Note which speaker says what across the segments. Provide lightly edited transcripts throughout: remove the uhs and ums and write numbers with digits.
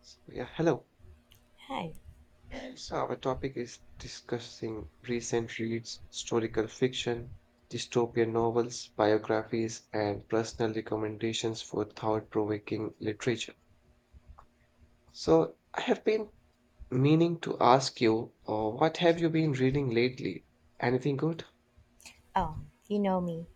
Speaker 1: So, yeah, hello.
Speaker 2: Hi.
Speaker 1: So, our topic is discussing recent reads, historical fiction, dystopian novels, biographies, and personal recommendations for thought provoking literature. So, I have been meaning to ask you, what have you been reading lately? Anything good?
Speaker 2: Oh, you know me.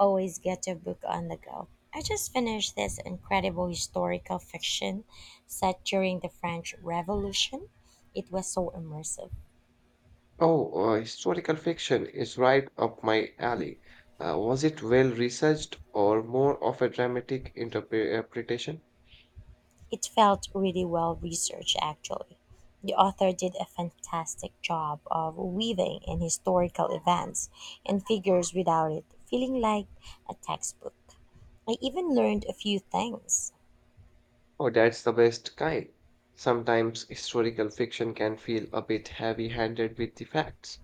Speaker 2: Always get a book on the go. I just finished this incredible historical fiction set during the French Revolution. It was so immersive.
Speaker 1: Oh, historical fiction is right up my alley. Was it well researched or more of a dramatic interpretation?
Speaker 2: It felt really well researched, actually. The author did a fantastic job of weaving in historical events and figures without it feeling like a textbook. I even learned a few things.
Speaker 1: Oh, that's the best kind. Sometimes historical fiction can feel a bit heavy handed with the facts.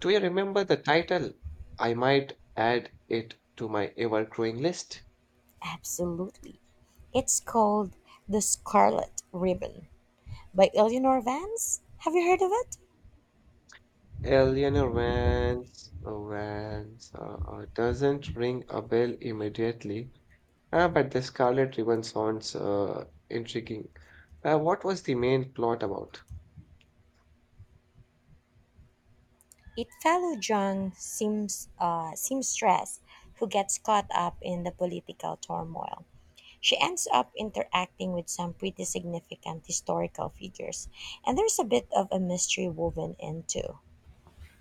Speaker 1: Do you remember the title? I might add it to my ever growing list.
Speaker 2: Absolutely. It's called The Scarlet Ribbon. By Eleanor Vance. Have you heard of it?
Speaker 1: Eleanor Vance, doesn't ring a bell immediately, but the Scarlet Ribbon sounds intriguing. What was the main plot about?
Speaker 2: It follows young seamstress who gets caught up in the political turmoil. She ends up interacting with some pretty significant historical figures, and there's a bit of a mystery woven in too.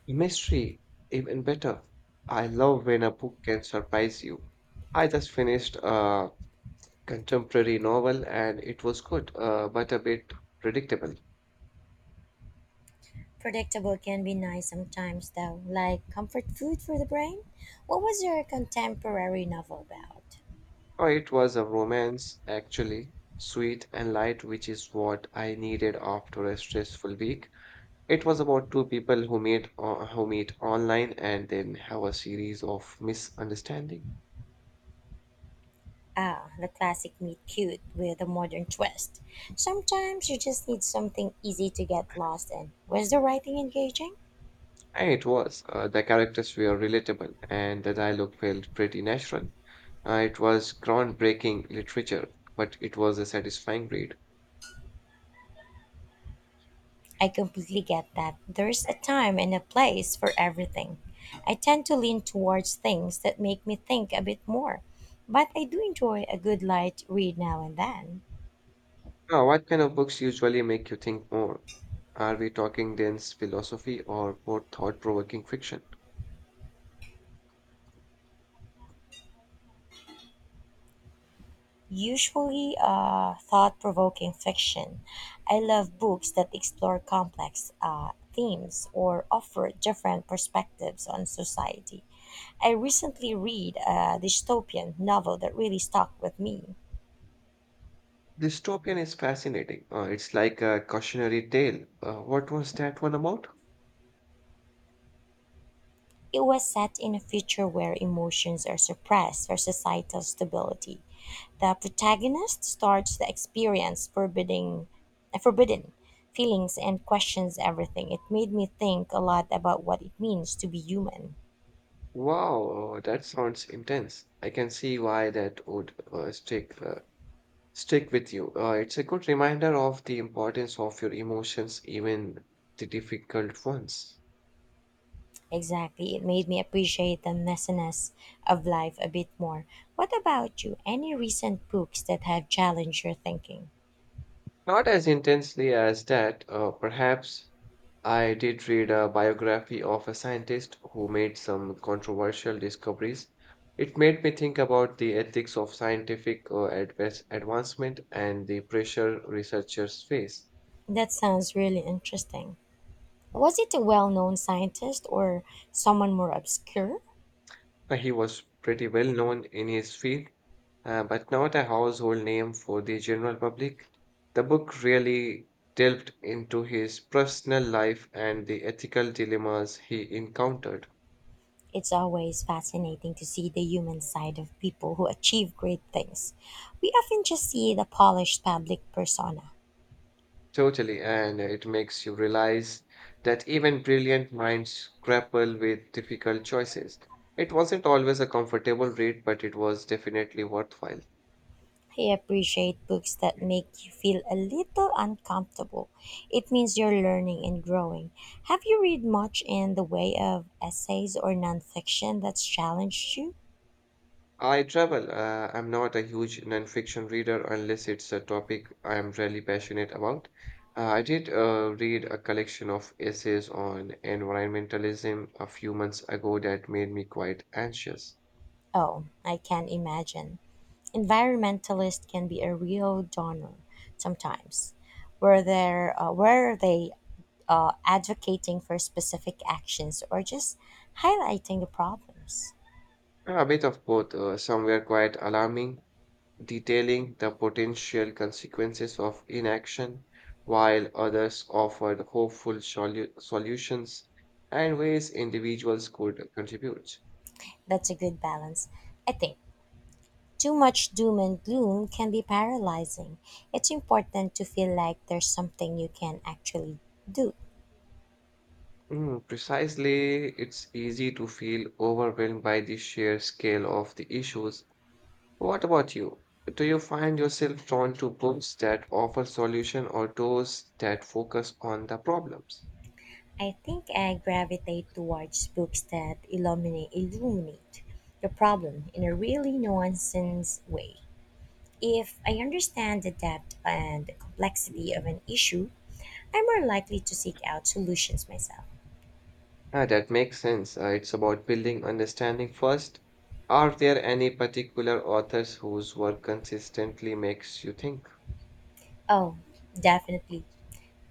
Speaker 1: Mystery, even better. I love when a book can surprise you. I just finished a contemporary novel and it was good, but a bit predictable.
Speaker 2: Predictable can be nice sometimes, though, like comfort food for the brain. What was your contemporary novel about?
Speaker 1: Oh, it was a romance, actually, sweet and light, which is what I needed after a stressful week. It was about two people who meet online and then have a series of misunderstandings.
Speaker 2: Ah, the classic meet cute with a modern twist. Sometimes you just need something easy to get lost in. Was the writing engaging?
Speaker 1: And it was. The characters were relatable and the dialogue felt pretty natural. It was groundbreaking literature, but it was a satisfying read.
Speaker 2: I completely get that. There's a time and a place for everything. I tend to lean towards things that make me think a bit more, but I do enjoy a good light read now and then.
Speaker 1: Now, what kind of books usually make you think more? Are we talking dense philosophy or more thought provoking fiction?
Speaker 2: Usually thought provoking fiction. I love books that explore complex themes or offer different perspectives on society. I recently read a dystopian novel that really stuck with me.
Speaker 1: Dystopian is fascinating. It's like a cautionary tale. What was that one about?
Speaker 2: It was set in a future where emotions are suppressed for societal stability. The protagonist starts the experience forbidden feelings and questions everything. It made me think a lot about what it means to be human.
Speaker 1: Wow, that sounds intense. I can see why that would stick with you. It's a good reminder of the importance of your emotions, even the difficult ones.
Speaker 2: Exactly. It made me appreciate the messiness of life a bit more. What about you? Any recent books that have challenged your thinking?
Speaker 1: Not as intensely as that, perhaps. I did read a biography of a scientist who made some controversial discoveries. It made me think about the ethics of scientific advancement and the pressure researchers face.
Speaker 2: That sounds really interesting. Was it a well known scientist or someone more obscure?
Speaker 1: He was pretty well known in his field, but not a household name for the general public. The book really delved into his personal life and the ethical dilemmas he encountered.
Speaker 2: It's always fascinating to see the human side of people who achieve great things. We often just see the polished public persona.
Speaker 1: Totally, and it makes you realize that even brilliant minds grapple with difficult choices. It wasn't always a comfortable read, but it was definitely worthwhile.
Speaker 2: I appreciate books that make you feel a little uncomfortable. It means you're learning and growing. Have you read much in the way of essays or nonfiction that's challenged you?
Speaker 1: I travel. I'm not a huge nonfiction reader unless it's a topic I am really passionate about. I did read a collection of essays on environmentalism a few months ago that made me quite anxious.
Speaker 2: Oh, I can imagine. Environmentalists can be a real downer sometimes. Were they advocating for specific actions or just highlighting the problems?
Speaker 1: A bit of both, some were quite alarming, detailing the potential consequences of inaction, while others offered hopeful solutions and ways individuals could contribute.
Speaker 2: That's a good balance. I think too much doom and gloom can be paralyzing. It's important to feel like there's something you can actually do.
Speaker 1: Mm, precisely, it's easy to feel overwhelmed by the sheer scale of the issues. What about you? Do you find yourself drawn to books that offer solution or those that focus on the problems?
Speaker 2: I think I gravitate towards books that illuminate the problem in a really nuanced way. If I understand the depth and complexity of
Speaker 1: Mhm.
Speaker 2: an issue, I'm more likely to seek out solutions myself.
Speaker 1: Ah, that makes sense. It's about building understanding first. Are there any particular authors whose work consistently makes you think?
Speaker 2: Oh, definitely.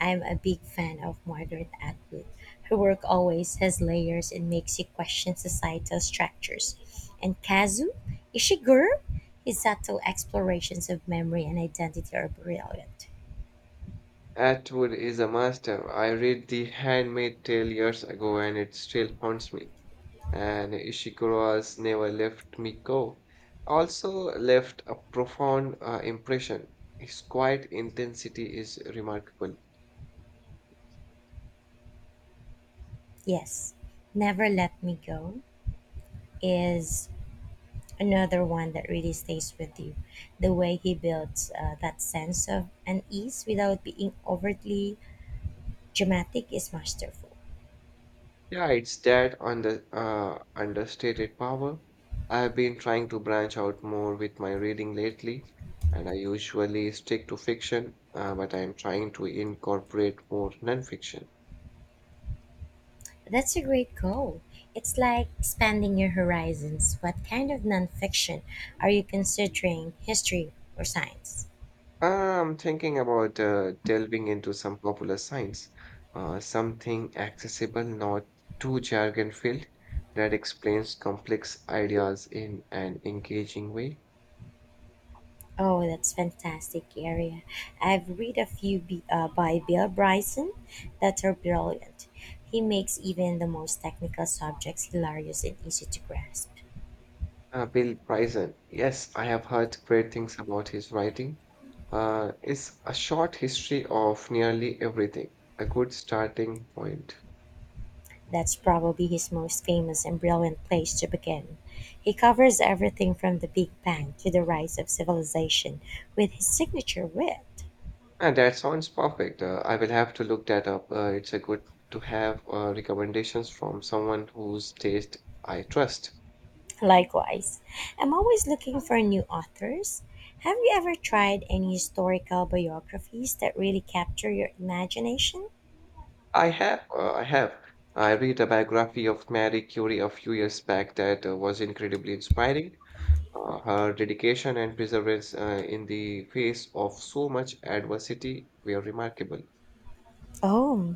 Speaker 2: I'm a big fan of Margaret Atwood. Her work always has layers and makes you question societal structures. And Kazu Ishiguro, his subtle explorations of memory and identity are brilliant.
Speaker 1: Atwood is a master. I read The Handmaid's Tale years ago and it still haunts me. And Ishikuro's Never Left Me Go also left a profound impression. His quiet intensity is remarkable.
Speaker 2: Yes, Never Let Me Go is another one that really stays with you. The way he builds that sense of unease without being overtly dramatic is masterful.
Speaker 1: Yeah, it's that understated power. I have been trying to branch out more with my reading lately, and I usually stick to fiction, but I am trying to incorporate more nonfiction.
Speaker 2: That's a great goal. It's like expanding your horizons. What kind of nonfiction are you considering? History or science?
Speaker 1: I'm thinking about delving into some popular science, something accessible, not too jargon filled, that explains complex ideas in an engaging way.
Speaker 2: Oh, that's fantastic area. I've read a few by Bill Bryson that are brilliant. He makes even the most technical subjects hilarious and easy to grasp.
Speaker 1: Bill Bryson, yes, I have heard great things about his writing. It's a short history of nearly everything, a good starting point.
Speaker 2: That's probably his most famous and brilliant place to begin. He covers everything from the Big Bang to the rise of civilization with his signature wit.
Speaker 1: And that sounds perfect. I will have to look that up. It's a good to have recommendations from someone whose taste I trust.
Speaker 2: Likewise, I'm always looking for new authors. Have you ever tried any historical biographies that really capture your imagination?
Speaker 1: I have. I read a biography of Marie Curie a few years back that was incredibly inspiring. Her dedication and perseverance in the face of so much adversity were remarkable.
Speaker 2: Oh,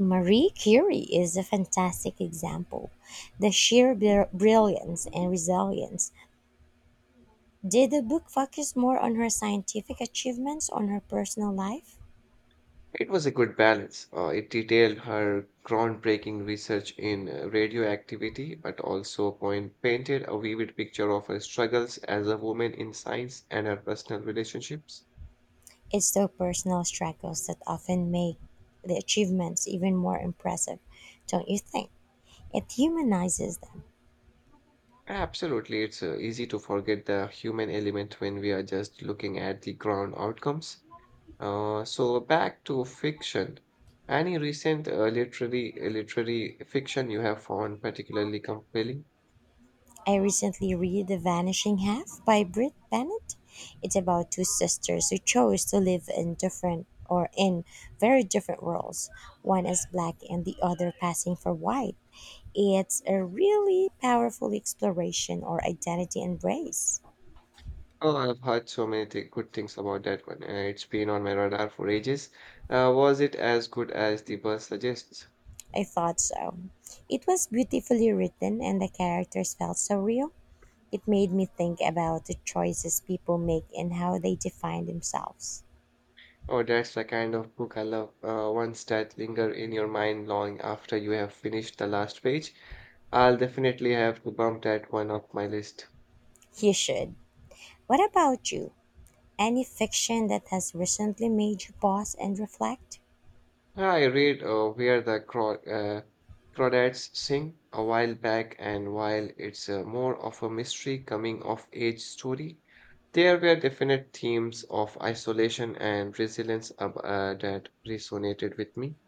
Speaker 2: Marie Curie is a fantastic example. The sheer brilliance and resilience. Did the book focus more on her scientific achievements on her personal life?
Speaker 1: It was a good balance. It detailed her groundbreaking research in radioactivity, but also painted a vivid picture of her struggles as a woman in science and her personal relationships.
Speaker 2: It's the personal struggles that often make the achievements even more impressive, don't you think? It humanizes them.
Speaker 1: Absolutely, it's easy to forget the human element when we are just looking at the ground outcomes. So back to fiction. Any recent literary fiction you have found particularly compelling?
Speaker 2: I recently read The Vanishing Half by Britt Bennett. It's about two sisters who chose to live in different or in very different worlds, one as black and the other passing for white. It's a really powerful exploration or identity embrace.
Speaker 1: Oh, I've heard so many th good things about that one. It's been on my radar for ages. Was it as good as the buzz suggests?
Speaker 2: I thought so. It was beautifully written and the characters felt so real. It made me think about the choices people make and how they define themselves.
Speaker 1: Oh, that's the kind of book I love. Ones that linger in your mind long after you have finished the last page. I'll definitely have to bump that one off my list.
Speaker 2: You should. What about you? Any fiction that has recently made you pause and reflect?
Speaker 1: Yeah, I read Crawdads Sing a while back, and while it's more of a mystery coming of age story, there were definite themes of isolation and resilience that resonated with me.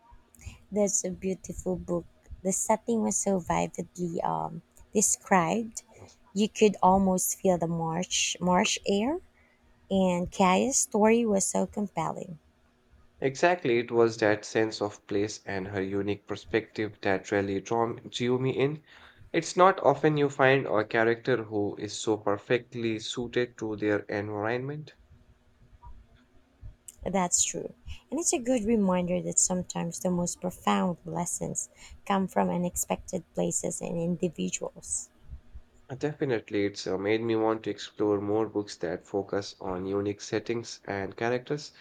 Speaker 2: That's a beautiful book. The setting was so vividly described, you could almost feel the marsh air, and Kaya's story was so compelling.
Speaker 1: Exactly, it was that sense of place and her unique perspective that really drew me in. It's not often you find a character who is so perfectly suited to their environment.
Speaker 2: That's true. And it's a good reminder that sometimes the most profound lessons come from unexpected places and individuals.
Speaker 1: Definitely, it's made me want to explore more books that focus on unique settings and characters.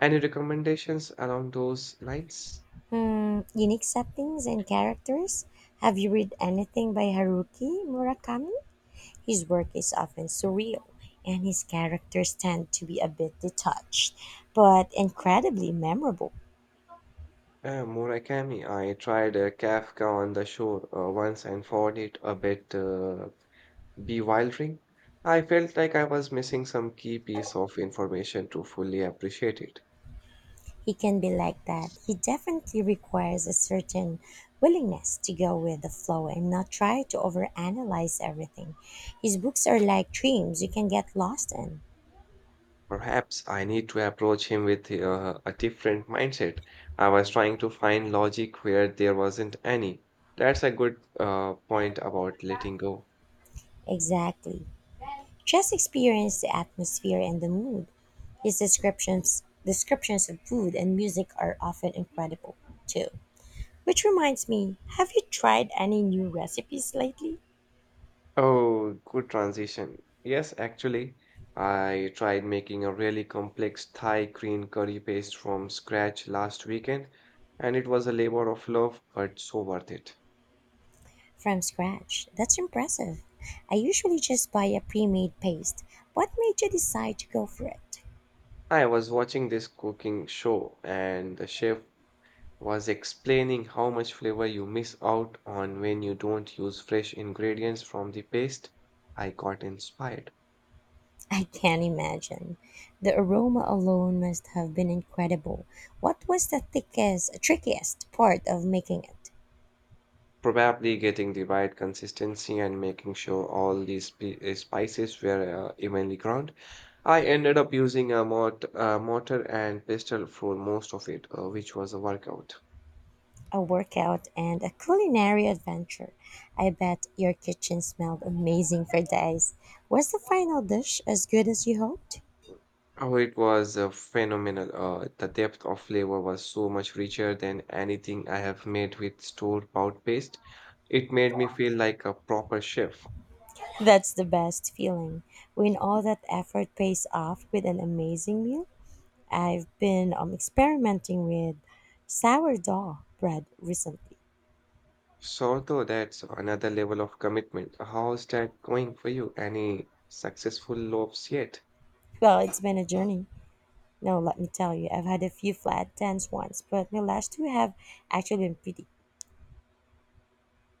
Speaker 1: Any recommendations along those lines?
Speaker 2: Hmm, unique settings and characters. Have you read anything by Haruki Murakami? His work is often surreal, and his characters tend to be a bit detached, but incredibly memorable.
Speaker 1: Murakami, I tried Kafka on the Shore once and found it a bit bewildering. I felt like I was missing some key piece of information to fully appreciate it.
Speaker 2: He can be like that. He definitely requires a certain willingness to go with the flow and not try to overanalyze everything. His books are like dreams you can get lost in.
Speaker 1: Perhaps I need to approach him with a different mindset. I was trying to find logic where there wasn't any. That's a good point about letting go.
Speaker 2: Exactly. Just experience the atmosphere and the mood. His descriptions of food and music are often incredible too. Which reminds me, have you tried any new recipes lately?
Speaker 1: Oh, good transition. Yes, actually, I tried making a really complex Thai green curry paste from scratch last weekend, and it was a labor of love, but so worth it.
Speaker 2: From scratch. That's impressive. I usually just buy a pre made paste. What made you decide to go for it?
Speaker 1: I was watching this cooking show, and the chef was explaining how much flavor you miss out on when you don't use fresh ingredients from the paste, I got inspired.
Speaker 2: I can't imagine. The aroma alone must have been incredible. What was the thickest, trickiest part of making it?
Speaker 1: Probably getting the right consistency and making sure all these spices were evenly ground. I ended up using a mortar and pestle for most of it, which was a workout.
Speaker 2: A workout and a culinary adventure. I bet your kitchen smelled amazing for days. Was the final dish as good as you hoped?
Speaker 1: Oh, it was phenomenal. The depth of flavor was so much richer than anything I have made with store bought paste. It made me feel like a proper chef.
Speaker 2: That's the best feeling when all that effort pays off with an amazing meal. I've been experimenting with sourdough bread recently.
Speaker 1: So, though that's another level of commitment. How's that going for you? Any successful loaves yet?
Speaker 2: Well, it's been a journey. No, let me tell you, I've had a few flat tens once, but my last two have actually been pretty